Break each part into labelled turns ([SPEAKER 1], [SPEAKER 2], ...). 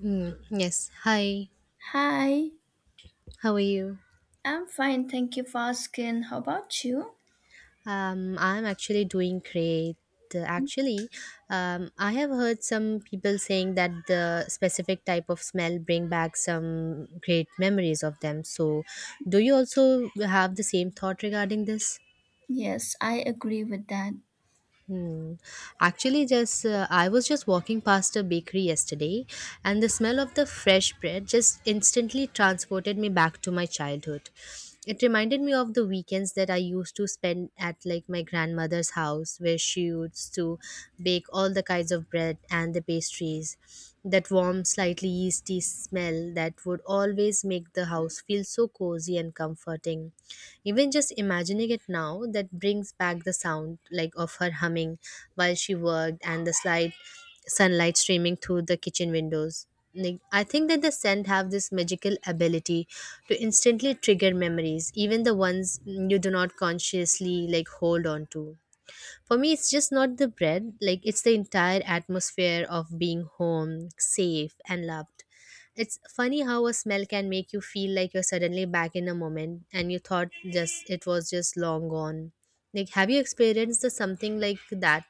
[SPEAKER 1] Mm, yes. Hi.
[SPEAKER 2] Hi,
[SPEAKER 1] How are you?
[SPEAKER 2] I'm fine, thank you for asking. How about you?
[SPEAKER 1] I'm actually doing great. Actually, I have heard some people saying that the specific type of smell bring back some great memories of them. So, do you also have the same thought regarding this?
[SPEAKER 2] Yes, I agree with that.
[SPEAKER 1] Hmm. Actually, just I was just walking past a bakery yesterday, and the smell of the fresh bread just instantly transported me back to my childhood. It reminded me of the weekends that I used to spend at like my grandmother's house, where she used to bake all the kinds of bread and the pastries. That warm, slightly yeasty smell that would always make the house feel so cozy and comforting. Even just imagining it now, that brings back the sound like of her humming while she worked and the slight sunlight streaming through the kitchen windows. Like, I think that the scent have this magical ability to instantly trigger memories, even the ones you do not consciously like hold on to. For me, it's just not the bread, like, it's the entire atmosphere of being home, safe, and loved. It's funny how a smell can make you feel like you're suddenly back in a moment and you thought just it was just long gone. Like, have you experienced the something like that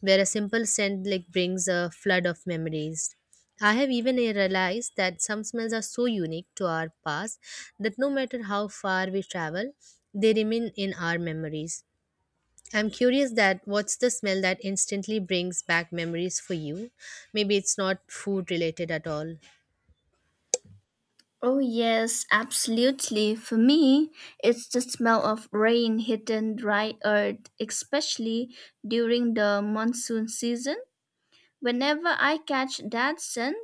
[SPEAKER 1] where a simple scent like brings a flood of memories? I have even realized that some smells are so unique to our past that no matter how far we travel, they remain in our memories. I'm curious that what's the smell that instantly brings back memories for you? Maybe it's not food related at all.
[SPEAKER 2] Oh, yes, absolutely. For me, it's the smell of rain hitting dry earth, especially during the monsoon season. Whenever I catch that scent,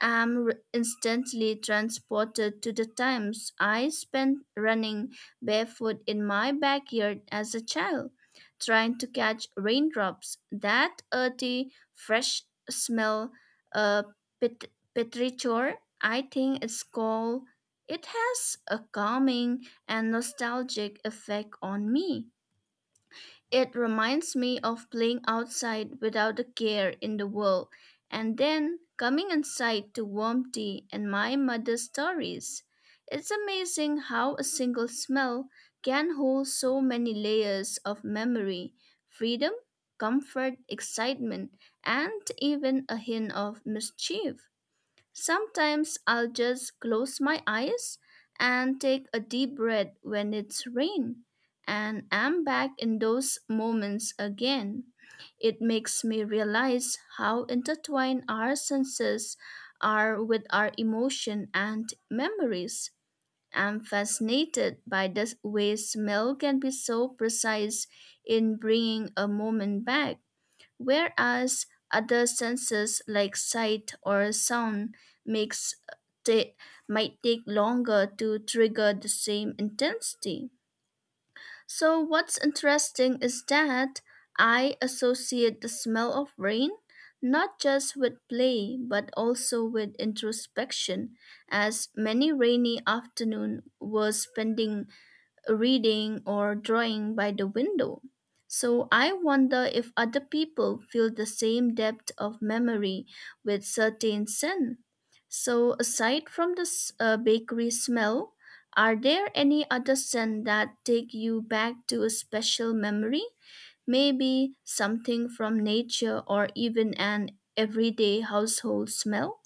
[SPEAKER 2] instantly transported to the times I spent running barefoot in my backyard as a child, trying to catch raindrops. That earthy, fresh smell, uh, pet- petrichor, I think it's called. It has a calming and nostalgic effect on me. It reminds me of playing outside without a care in the world and then coming inside to warm tea and my mother's stories. It's amazing how a single smell can hold so many layers of memory, freedom, comfort, excitement, and even a hint of mischief. Sometimes I'll just close my eyes and take a deep breath when it's rain, and I'm back in those moments again. It makes me realize how intertwined our senses are with our emotion and memories. I'm fascinated by the way smell can be so precise in bringing a moment back whereas other senses like sight or sound makes ta- might take longer to trigger the same intensity. So what's interesting is that I associate the smell of rain not just with play but also with introspection as many rainy afternoon were spending reading or drawing by the window. So I wonder if other people feel the same depth of memory with certain scent. So aside from the bakery smell, are there any other scent that take you back to a special memory? Maybe something from nature or even an everyday household smell?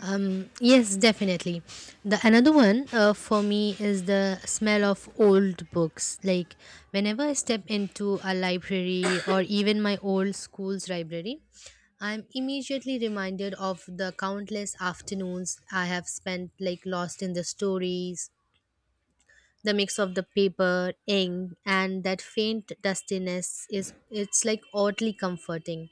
[SPEAKER 1] Yes, definitely. The another one for me is the smell of old books. Like whenever I step into a library or even my old school's library, I'm immediately reminded of the countless afternoons I have spent like lost in the stories, the mix of the paper ink and that faint dustiness is it's like oddly comforting.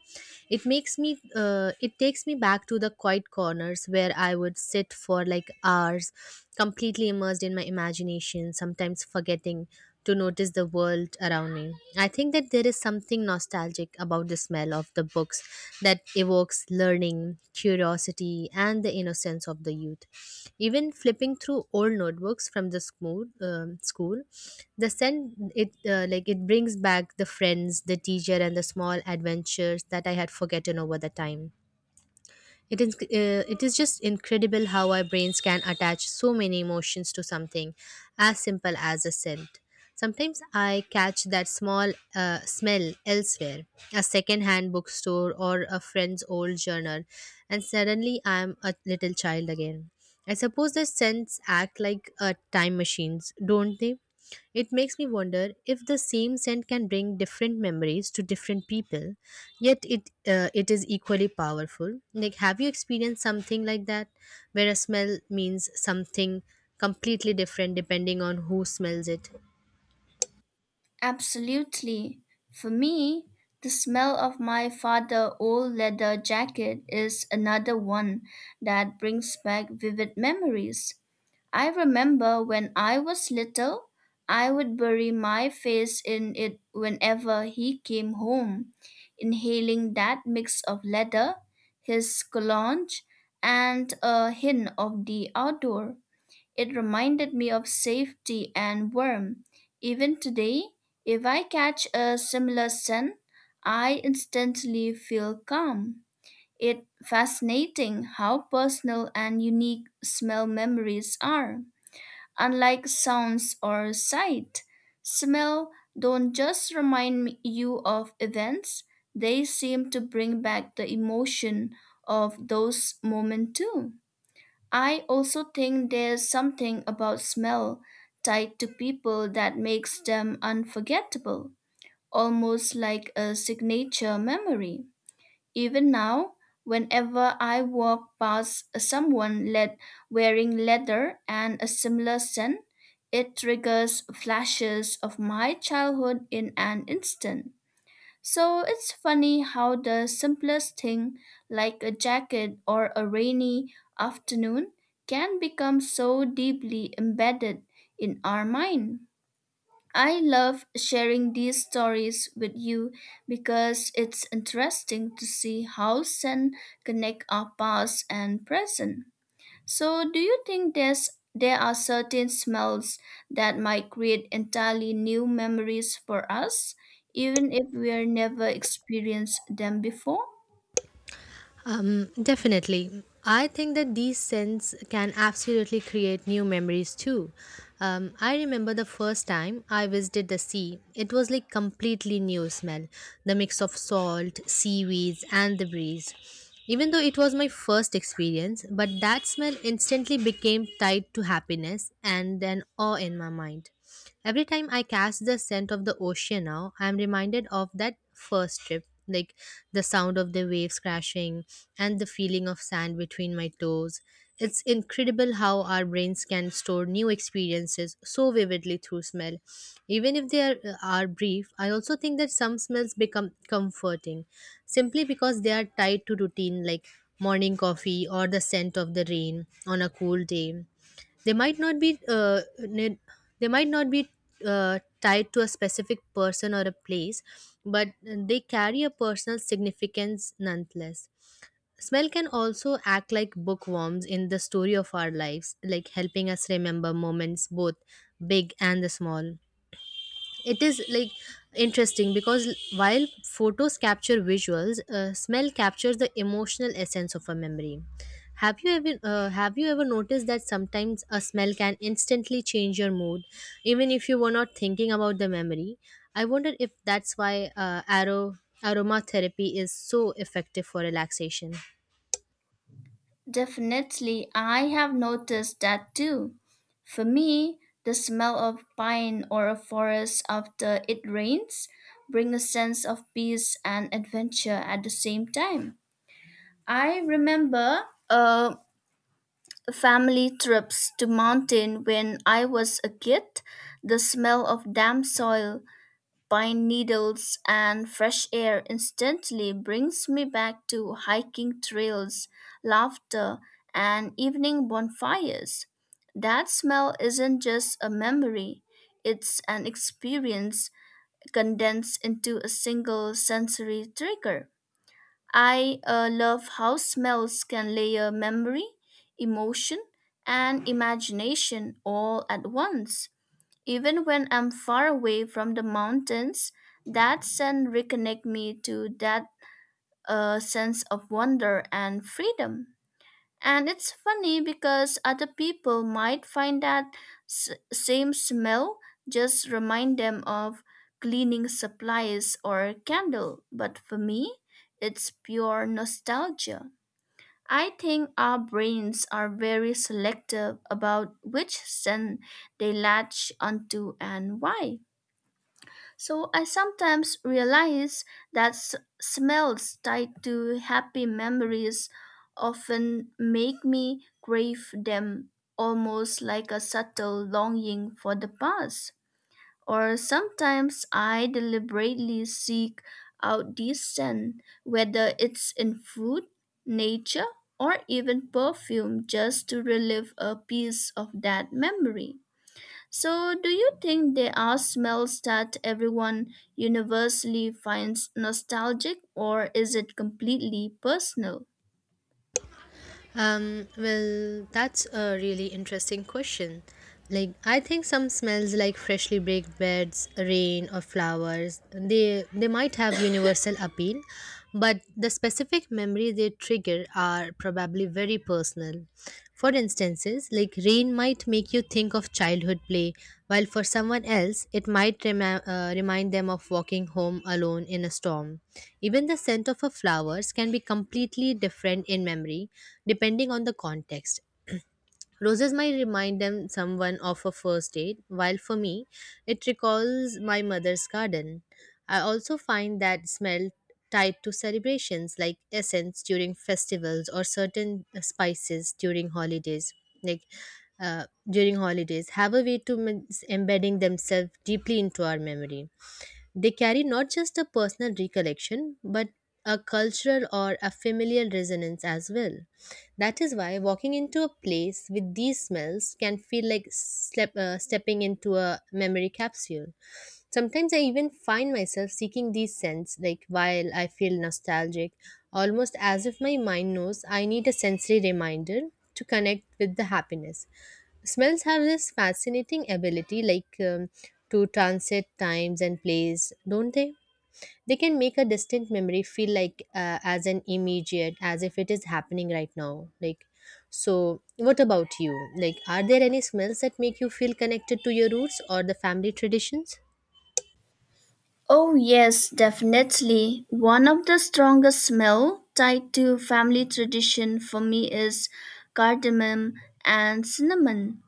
[SPEAKER 1] It takes me back to the quiet corners where I would sit for like hours, completely immersed in my imagination, sometimes forgetting to notice the world around me. I think that there is something nostalgic about the smell of the books that evokes learning, curiosity, and the innocence of the youth. Even flipping through old notebooks from the school, the scent, it like it brings back the friends, the teacher, and the small adventures that I had forgotten over the time. It is just incredible how our brains can attach so many emotions to something as simple as a scent. Sometimes I catch that small smell elsewhere, a second-hand bookstore or a friend's old journal, and suddenly I'm a little child again. I suppose the scents act like time machines, don't they? It makes me wonder if the same scent can bring different memories to different people, yet it is equally powerful. Like, have you experienced something like that where a smell means something completely different depending on who smells it?
[SPEAKER 2] Absolutely. For me, the smell of my father's old leather jacket is another one that brings back vivid memories. I remember when I was little, I would bury my face in it whenever he came home, inhaling that mix of leather, his cologne, and a hint of the outdoor. It reminded me of safety and warmth. Even today, if I catch a similar scent, I instantly feel calm. It's fascinating how personal and unique smell memories are. Unlike sounds or sight, smell don't just you of events, they seem to bring back the emotion of those moments too. I also think there's something about smell tied to people that makes them unforgettable, almost like a signature memory. Even now, whenever I walk past someone led wearing leather and a similar scent, it triggers flashes of my childhood in an instant. So it's funny how the simplest thing, like a jacket or a rainy afternoon, can become so deeply embedded in our mind. I love sharing these stories with you because it's interesting to see how sin connect our past and present. So, do you think there are certain smells that might create entirely new memories for us, even if we are never experienced them before?
[SPEAKER 1] Definitely. I think that these scents can absolutely create new memories too. I remember the first time I visited the sea. It was like completely new smell, the mix of salt, seaweeds, and the breeze. Even though it was my first experience, but that smell instantly became tied to happiness and an awe in my mind. Every time I catch the scent of the ocean now, I am reminded of that first trip, like the sound of the waves crashing and the feeling of sand between my toes. It's incredible how our brains can store new experiences so vividly through smell. Even if they are brief, I also think that some smells become comforting simply because they are tied to routine, like morning coffee or the scent of the rain on a cool day. they might not be uh, ne- they might not be tied to a specific person or a place, but they carry a personal significance nonetheless. Smell can also act like bookworms in the story of our lives, like helping us remember moments both big and the small. It is like interesting because while photos capture visuals, smell captures the emotional essence of a memory. Have you ever noticed that sometimes a smell can instantly change your mood, even if you were not thinking about the memory? I wonder if that's why arrow aroma therapy is so effective for relaxation.
[SPEAKER 2] Definitely, I have noticed that too. For me, the smell of pine or a forest after it rains bring a sense of peace and adventure at the same time. I remember uh, family trips to mountain when I was a kid, the smell of damp soil, pine needles and fresh air instantly brings me back to hiking trails, laughter and evening bonfires. That smell isn't just a memory, it's an experience condensed into a single sensory trigger. I love how smells can layer memory, emotion, and imagination all at once. Even when I'm far away from the mountains, that scent reconnect me to that sense of wonder and freedom. And it's funny because other people might find that same smell just remind them of cleaning supplies or candle, but for me, it's pure nostalgia. I think our brains are very selective about which scent they latch onto and why. So I sometimes realize that s- smells tied to happy memories often make me crave them almost like a subtle longing for the past. Or sometimes I deliberately seek out this scent, whether it's in food, nature, or even perfume, just to relive a piece of that memory. So, do you think there are smells that everyone universally finds nostalgic, or is it completely personal?
[SPEAKER 1] Well, that's a really interesting question. Like, I think some smells like freshly baked beds, rain, or flowers, they might have universal appeal, but the specific memory they trigger are probably very personal. For instances, like rain might make you think of childhood play, while for someone else, it might remind them of walking home alone in a storm. Even the scent of a flowers can be completely different in memory, depending on the context. Roses might remind them someone of a first date, while for me, it recalls my mother's garden. I also find that smell tied to celebrations like essence during festivals or certain spices during holidays. Like during holidays, have a way to embedding themselves deeply into our memory. They carry not just a personal recollection, but a cultural or a familial resonance as well. That is why walking into a place with these smells can feel like stepping into a memory capsule. Sometimes I even find myself seeking these scents, like while I feel nostalgic, almost as if my mind knows I need a sensory reminder to connect with the happiness. Smells have this fascinating ability, like to transit times and place, don't they? They can make a distant memory feel like as an immediate, as if it is happening right now. Like, so what about you? Like, are there any smells that make you feel connected to your roots or the family traditions?
[SPEAKER 2] Oh, yes, definitely. One of the strongest smell tied to family tradition for me is cardamom and cinnamon.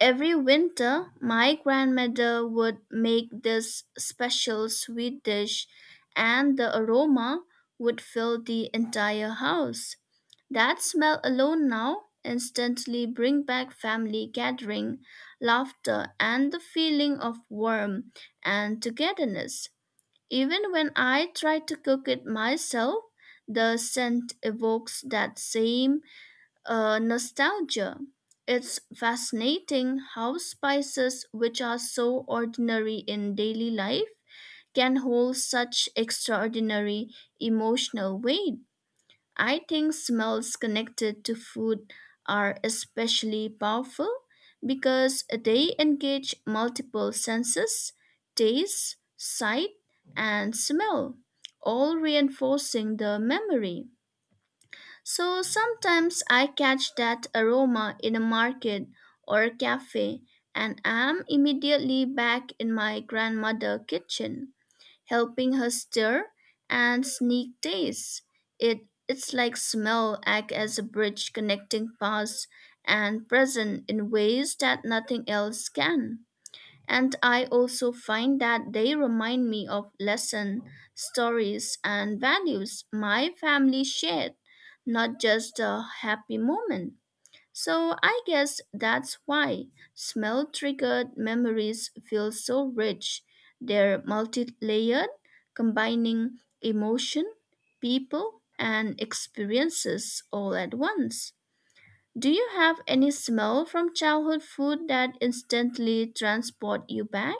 [SPEAKER 2] Every winter, my grandmother would make this special sweet dish, and the aroma would fill the entire house. That smell alone now instantly bring back family gathering, laughter, and the feeling of warmth and togetherness. Even when I try to cook it myself, the scent evokes that same nostalgia. It's fascinating how spices, which are so ordinary in daily life, can hold such extraordinary emotional weight. I think smells connected to food are especially powerful because they engage multiple senses taste, sight, and smell, all reinforcing the memory. So sometimes I catch that aroma in a market or a cafe and am immediately back in my grandmother kitchen, helping her stir and sneak taste. It's like smell act as a bridge connecting past and present in ways that nothing else can. And I also find that they remind me of lesson stories, and values my family shared, not just a happy moment. So I guess that's why smell triggered memories feel so rich. They're multi layered, combining emotion, people, and experiences all at once. Do you have any smell from childhood food that instantly transport you back?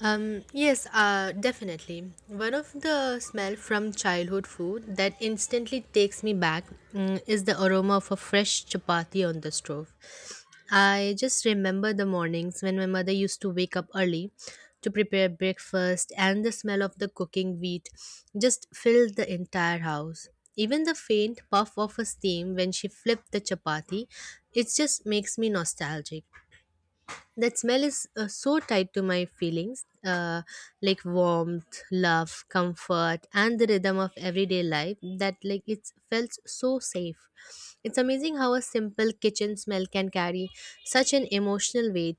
[SPEAKER 1] Yes, definitely. One of the smell from childhood food that instantly takes me back, is the aroma of a fresh chapati on the stove. I just remember the mornings when my mother used to wake up early to prepare breakfast, and the smell of the cooking wheat just filled the entire house. Even the faint puff of a steam when she flipped the chapati, it just makes me nostalgic. That smell is so tied to my feelings, like warmth, love, comfort, and the rhythm of everyday life, that like it felt so safe. It's amazing how a simple kitchen smell can carry such an emotional weight.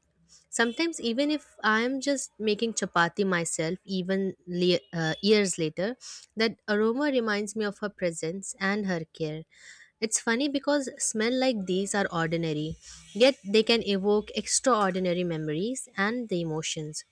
[SPEAKER 1] Sometimes, even if I'm just making chapati myself, years later, that aroma reminds me of her presence and her care. It's funny because smell like these are ordinary, yet they can evoke extraordinary memories and the emotions.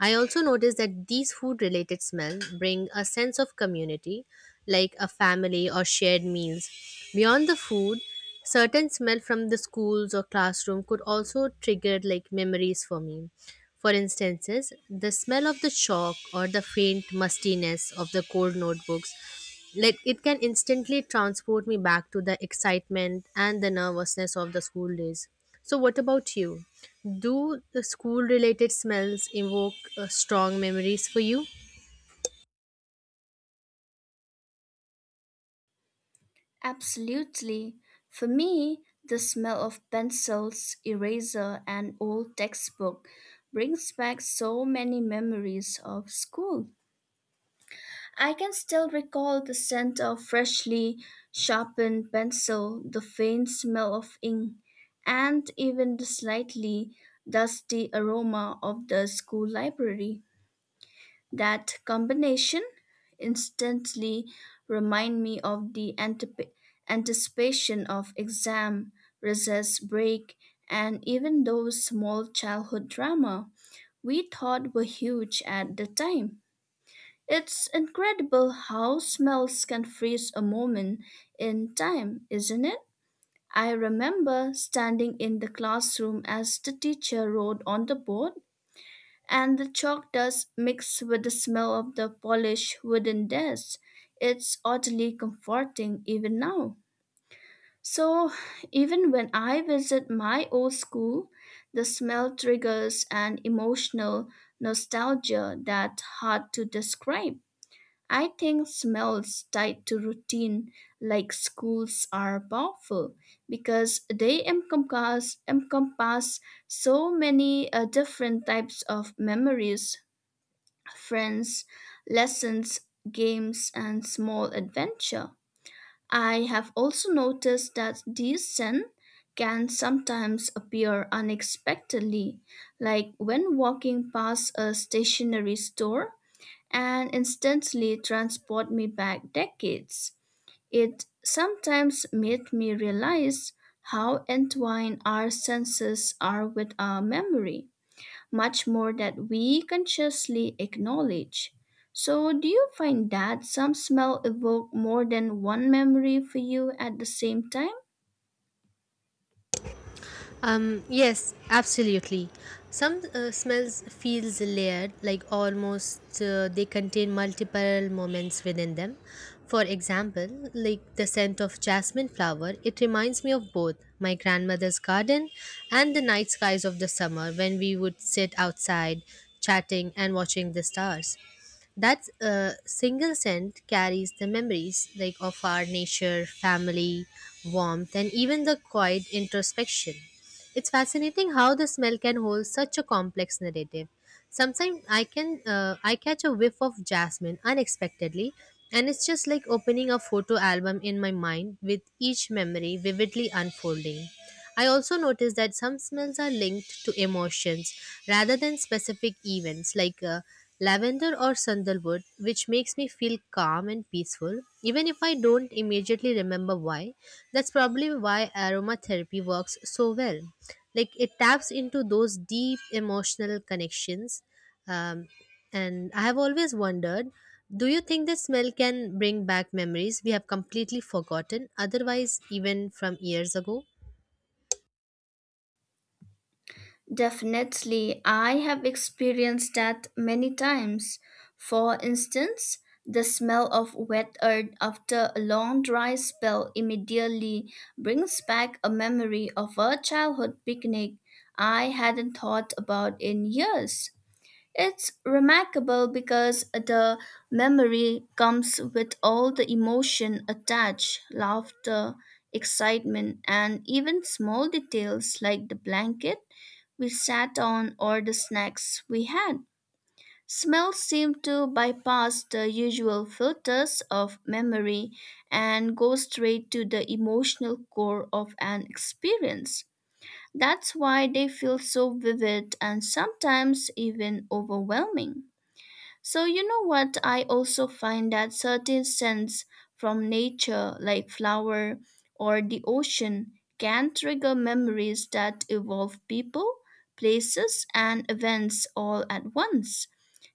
[SPEAKER 1] I also notice that these food related smells bring a sense of community, like a family or shared meals. Beyond the food, certain smell from the schools or classroom could also trigger like memories for me. For instances, the smell of the chalk or the faint mustiness of the cold notebooks, like it can instantly transport me back to the excitement and the nervousness of the school days. So, what about you? Do the school related smells evoke strong memories for you?
[SPEAKER 2] Absolutely. For me, the smell of pencils, eraser, and old textbook brings back so many memories of school. I can still recall the scent of freshly sharpened pencil, the faint smell of ink, and even the slightly dusty aroma of the school library. That combination instantly remind me of the anticipation of exam, recess break, and even those small childhood drama we thought were huge at the time. It's incredible how smells can freeze a moment in time, isn't it? I remember standing in the classroom as the teacher wrote on the board and the chalk dust mixed with the smell of the polished wooden desk. It's oddly comforting even now. So, even when I visit my old school, the smell triggers an emotional nostalgia that's hard to describe. I think smells tied to routine, like schools, are powerful because they encompass so many different types of memories friends, lessons, games, and small adventure. I have also noticed that these scents can sometimes appear unexpectedly, like when walking past a stationery store and instantly transport me back decades. It sometimes made me realize how entwined our senses are with our memory much more that we consciously acknowledge. So, do you find that some smell evoke more than one memory for you at the same time?
[SPEAKER 1] Yes, absolutely. Some smells feels layered, like almost they contain multiple moments within them. For example, like the scent of jasmine flower, it reminds me of both my grandmother's garden and the night skies of the summer when we would sit outside, chatting and watching the stars. That single scent carries the memories like of our nature, family, warmth, and even the quiet introspection. It's fascinating how the smell can hold such a complex narrative. Sometimes I catch a whiff of jasmine unexpectedly, and it's just like opening a photo album in my mind, with each memory vividly unfolding. I also notice that some smells are linked to emotions rather than specific events, like lavender or sandalwood, which makes me feel calm and peaceful, even if I don't immediately remember why. That's probably why aromatherapy works so well, like it taps into those deep emotional connections. um, and I have always wondered, do you think this smell can bring back memories we have completely forgotten otherwise, even from years ago?
[SPEAKER 2] Definitely, I have experienced that many times. For instance, the smell of wet earth after a long dry spell immediately brings back a memory of a childhood picnic I hadn't thought about in years. It's remarkable because the memory comes with all the emotion attached, laughter, excitement, and even small details like the blanket we sat on or the snacks we had. Smells seem to bypass the usual filters of memory and go straight to the emotional core of an experience. That's why they feel so vivid and sometimes even overwhelming. So, you know what? I also find that certain scents from nature, like flower or the ocean, can trigger memories that involve people, places, and events all at once,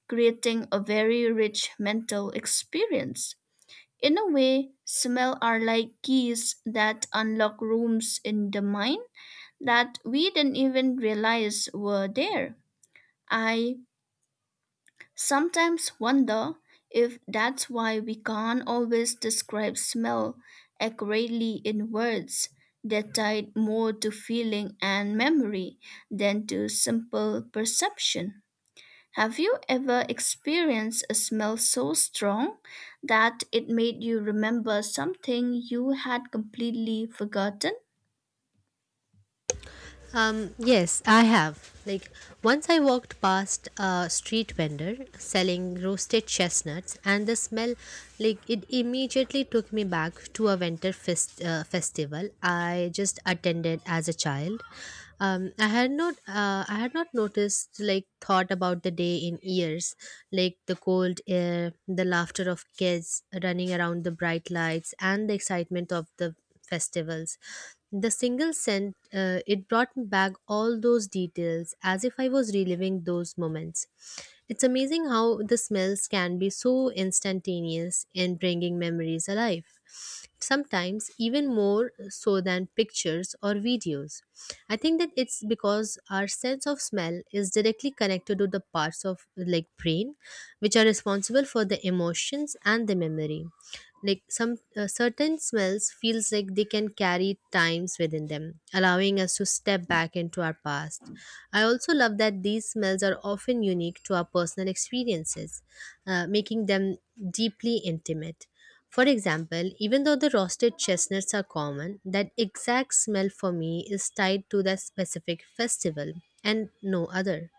[SPEAKER 2] creating a very rich mental experience. In a way, smell are like keys that unlock rooms in the mind that we didn't even realize were there. I sometimes wonder if that's why we can't always describe smell accurately in words. They're tied more to feeling and memory than to simple perception. Have you ever experienced a smell so strong that it made you remember something you had completely forgotten?
[SPEAKER 1] Yes, I have. Like, once I walked past a street vendor selling roasted chestnuts, and the smell, like, it immediately took me back to a winter festival I just attended as a child. I had not, noticed, like, thought about the day in years, like the cold air, the laughter of kids running around, the bright lights, and the excitement of the festivals. The single scent, it brought back all those details as if I was reliving those moments. It's amazing how the smells can be so instantaneous in bringing memories alive, sometimes even more so than pictures or videos. I think that it's because our sense of smell is directly connected to the parts of like brain which are responsible for the emotions and the memory. Like some certain smells feels like they can carry times within them, allowing us to step back into our past. I also love that these smells are often unique to our personal experiences, making them deeply intimate. For example, even though the roasted chestnuts are common, that exact smell for me is tied to that specific festival and no other.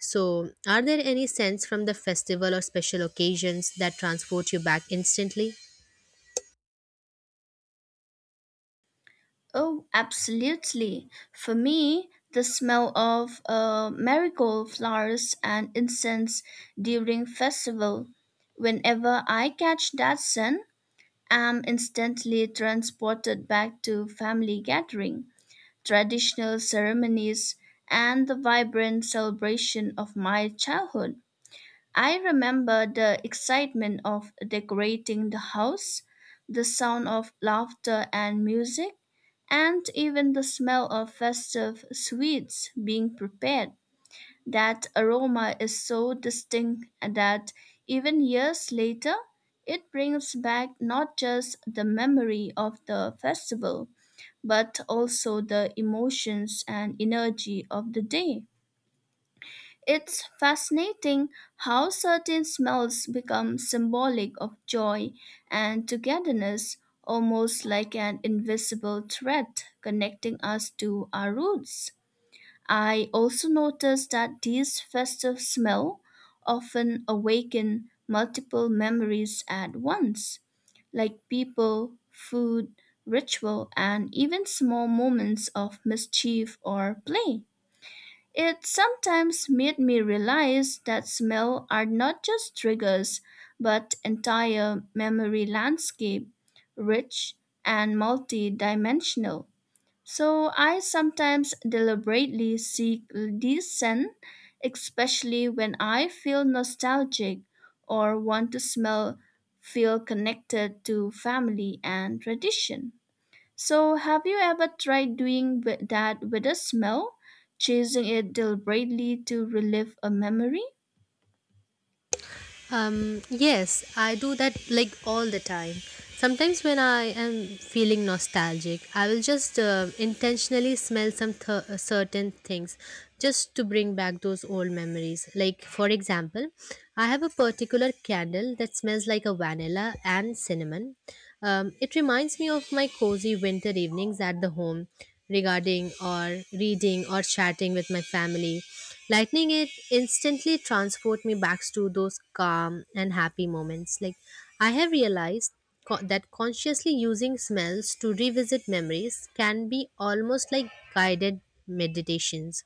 [SPEAKER 1] So are there any scents from the festival or special occasions that transport you back instantly?
[SPEAKER 2] Oh, absolutely. For me, the smell of marigold flowers and incense during festival. Whenever I catch that scent, I'm instantly transported back to family gathering, traditional ceremonies, and the vibrant celebration of my childhood. I remember the excitement of decorating the house, the sound of laughter and music, and even the smell of festive sweets being prepared. That aroma is so distinct that even years later, it brings back not just the memory of the festival, but also the emotions and energy of the day. It's fascinating how certain smells become symbolic of joy and togetherness, almost like an invisible thread connecting us to our roots. I also noticed that these festive smells often awaken multiple memories at once, like people, food, ritual, and even small moments of mischief or play. It sometimes made me realize that smells are not just triggers, but entire memory landscape, rich and multi-dimensional. So I sometimes deliberately seek these scents, especially when I feel nostalgic or want to smell feel connected to family and tradition. So, have you ever tried that with a smell, chasing it deliberately to relive a memory?
[SPEAKER 1] Yes, I do that like all the time. Sometimes when I am feeling nostalgic, I will just intentionally smell certain things just to bring back those old memories. Like, for example, I have a particular candle that smells like a vanilla and cinnamon. It reminds me of my cozy winter evenings at the home, regarding or reading or chatting with my family, lightning it instantly transport me back to those calm and happy moments. Like, I have realized that consciously using smells to revisit memories can be almost like guided meditations.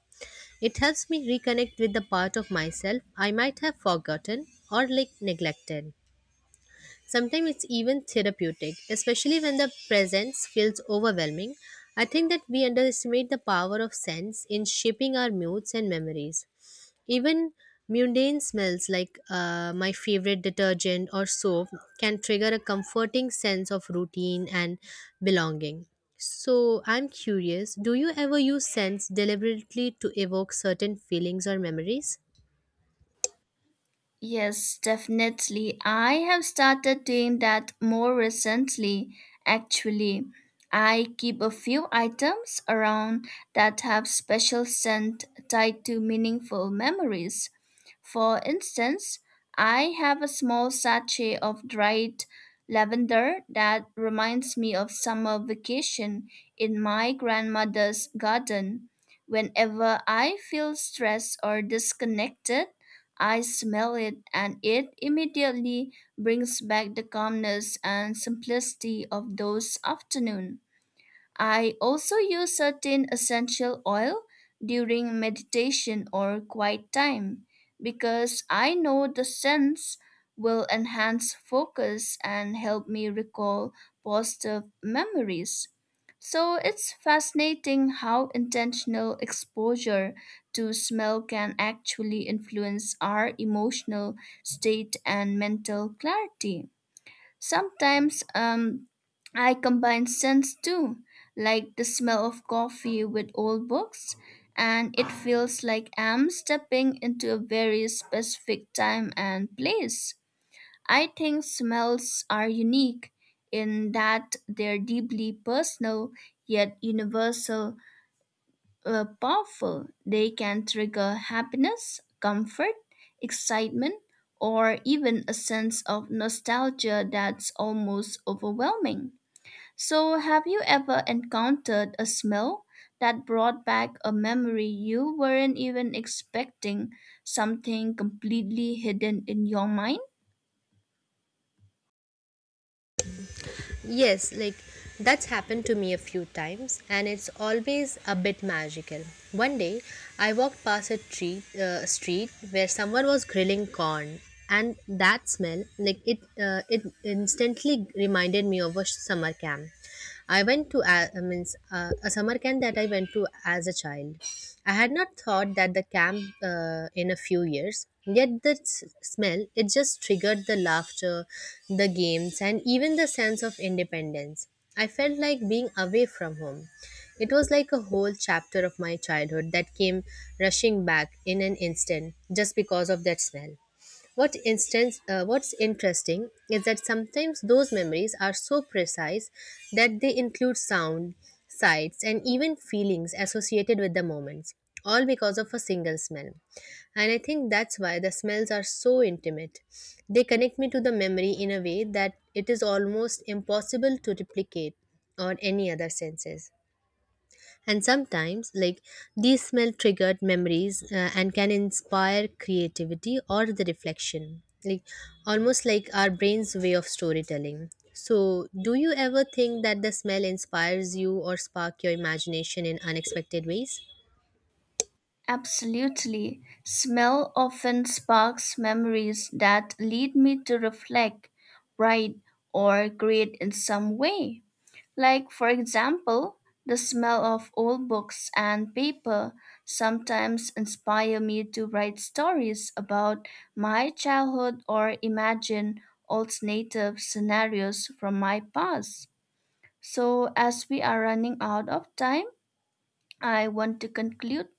[SPEAKER 1] It helps me reconnect with the part of myself I might have forgotten or like neglected. Sometimes it's even therapeutic, especially when the presence feels overwhelming. I think that we underestimate the power of sense in shaping our moods and memories. Even mundane smells like my favorite detergent or soap can trigger a comforting sense of routine and belonging. So, I'm curious, do you ever use scents deliberately to evoke certain feelings or memories?
[SPEAKER 2] Yes, definitely. I have started doing that more recently. Actually, I keep a few items around that have special scent tied to meaningful memories. For instance, I have a small sachet of dried lavender that reminds me of summer vacation in my grandmother's garden. Whenever I feel stressed or disconnected, I smell it, and it immediately brings back the calmness and simplicity of those afternoons. I also use certain essential oil during meditation or quiet time because I know the scents will enhance focus and help me recall positive memories. So it's fascinating how intentional exposure to smell can actually influence our emotional state and mental clarity. Sometimes I combine scents too, like the smell of coffee with old books, and it feels like I'm stepping into a very specific time and place. I think smells are unique in that they're deeply personal yet universal powerful. They can trigger happiness, comfort, excitement, or even a sense of nostalgia that's almost overwhelming. So, have you ever encountered a smell that brought back a memory you weren't even expecting, something completely hidden in your mind?
[SPEAKER 1] Yes, like, that's happened to me a few times, and it's always a bit magical. One day, I walked past a street where someone was grilling corn, and that smell, like it instantly reminded me of a summer camp. I went to a, I means, A summer camp that I went to as a child. I had not thought that the camp in a few years. Yet the smell, it just triggered the laughter, the games, and even the sense of independence I felt like being away from home. It was like a whole chapter of my childhood that came rushing back in an instant just because of that smell. What's interesting is that sometimes those memories are so precise that they include sound, sights, and even feelings associated with the moments, all because of a single smell. And I think that's why the smells are so intimate. They connect me to the memory in a way that it is almost impossible to replicate on any other senses. And sometimes, like, these smell triggered memories and can inspire creativity or the reflection, like almost like our brain's way of storytelling. So do you ever think that the smell inspires you or spark your imagination in unexpected ways?
[SPEAKER 2] Absolutely. Smell often sparks memories that lead me to reflect, write, or create in some way. Like, for example, the smell of old books and paper sometimes inspire me to write stories about my childhood or imagine alternative scenarios from my past. So, as we are running out of time, I want to conclude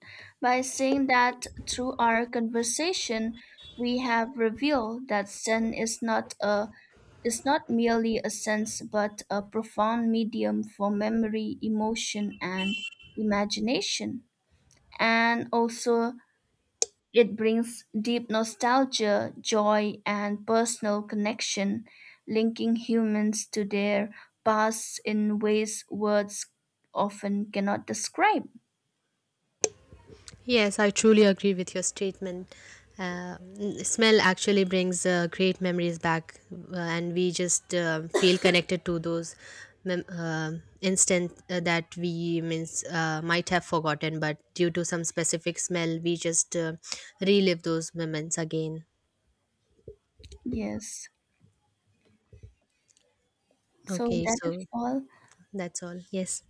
[SPEAKER 2] by saying that through our conversation, we have revealed that Zen is not merely a sense but a profound medium for memory, emotion, and imagination. And also, it brings deep nostalgia, joy, and personal connection, linking humans to their past in ways words often cannot describe.
[SPEAKER 1] Yes, I truly agree with your statement. Smell actually brings great memories back, and we just feel connected to those mem- uh, instant that we means might have forgotten, but due to some specific smell, we just relive those moments again.
[SPEAKER 2] Yes. So
[SPEAKER 1] Okay,
[SPEAKER 2] that is
[SPEAKER 1] so
[SPEAKER 2] all
[SPEAKER 1] that's all. Yes.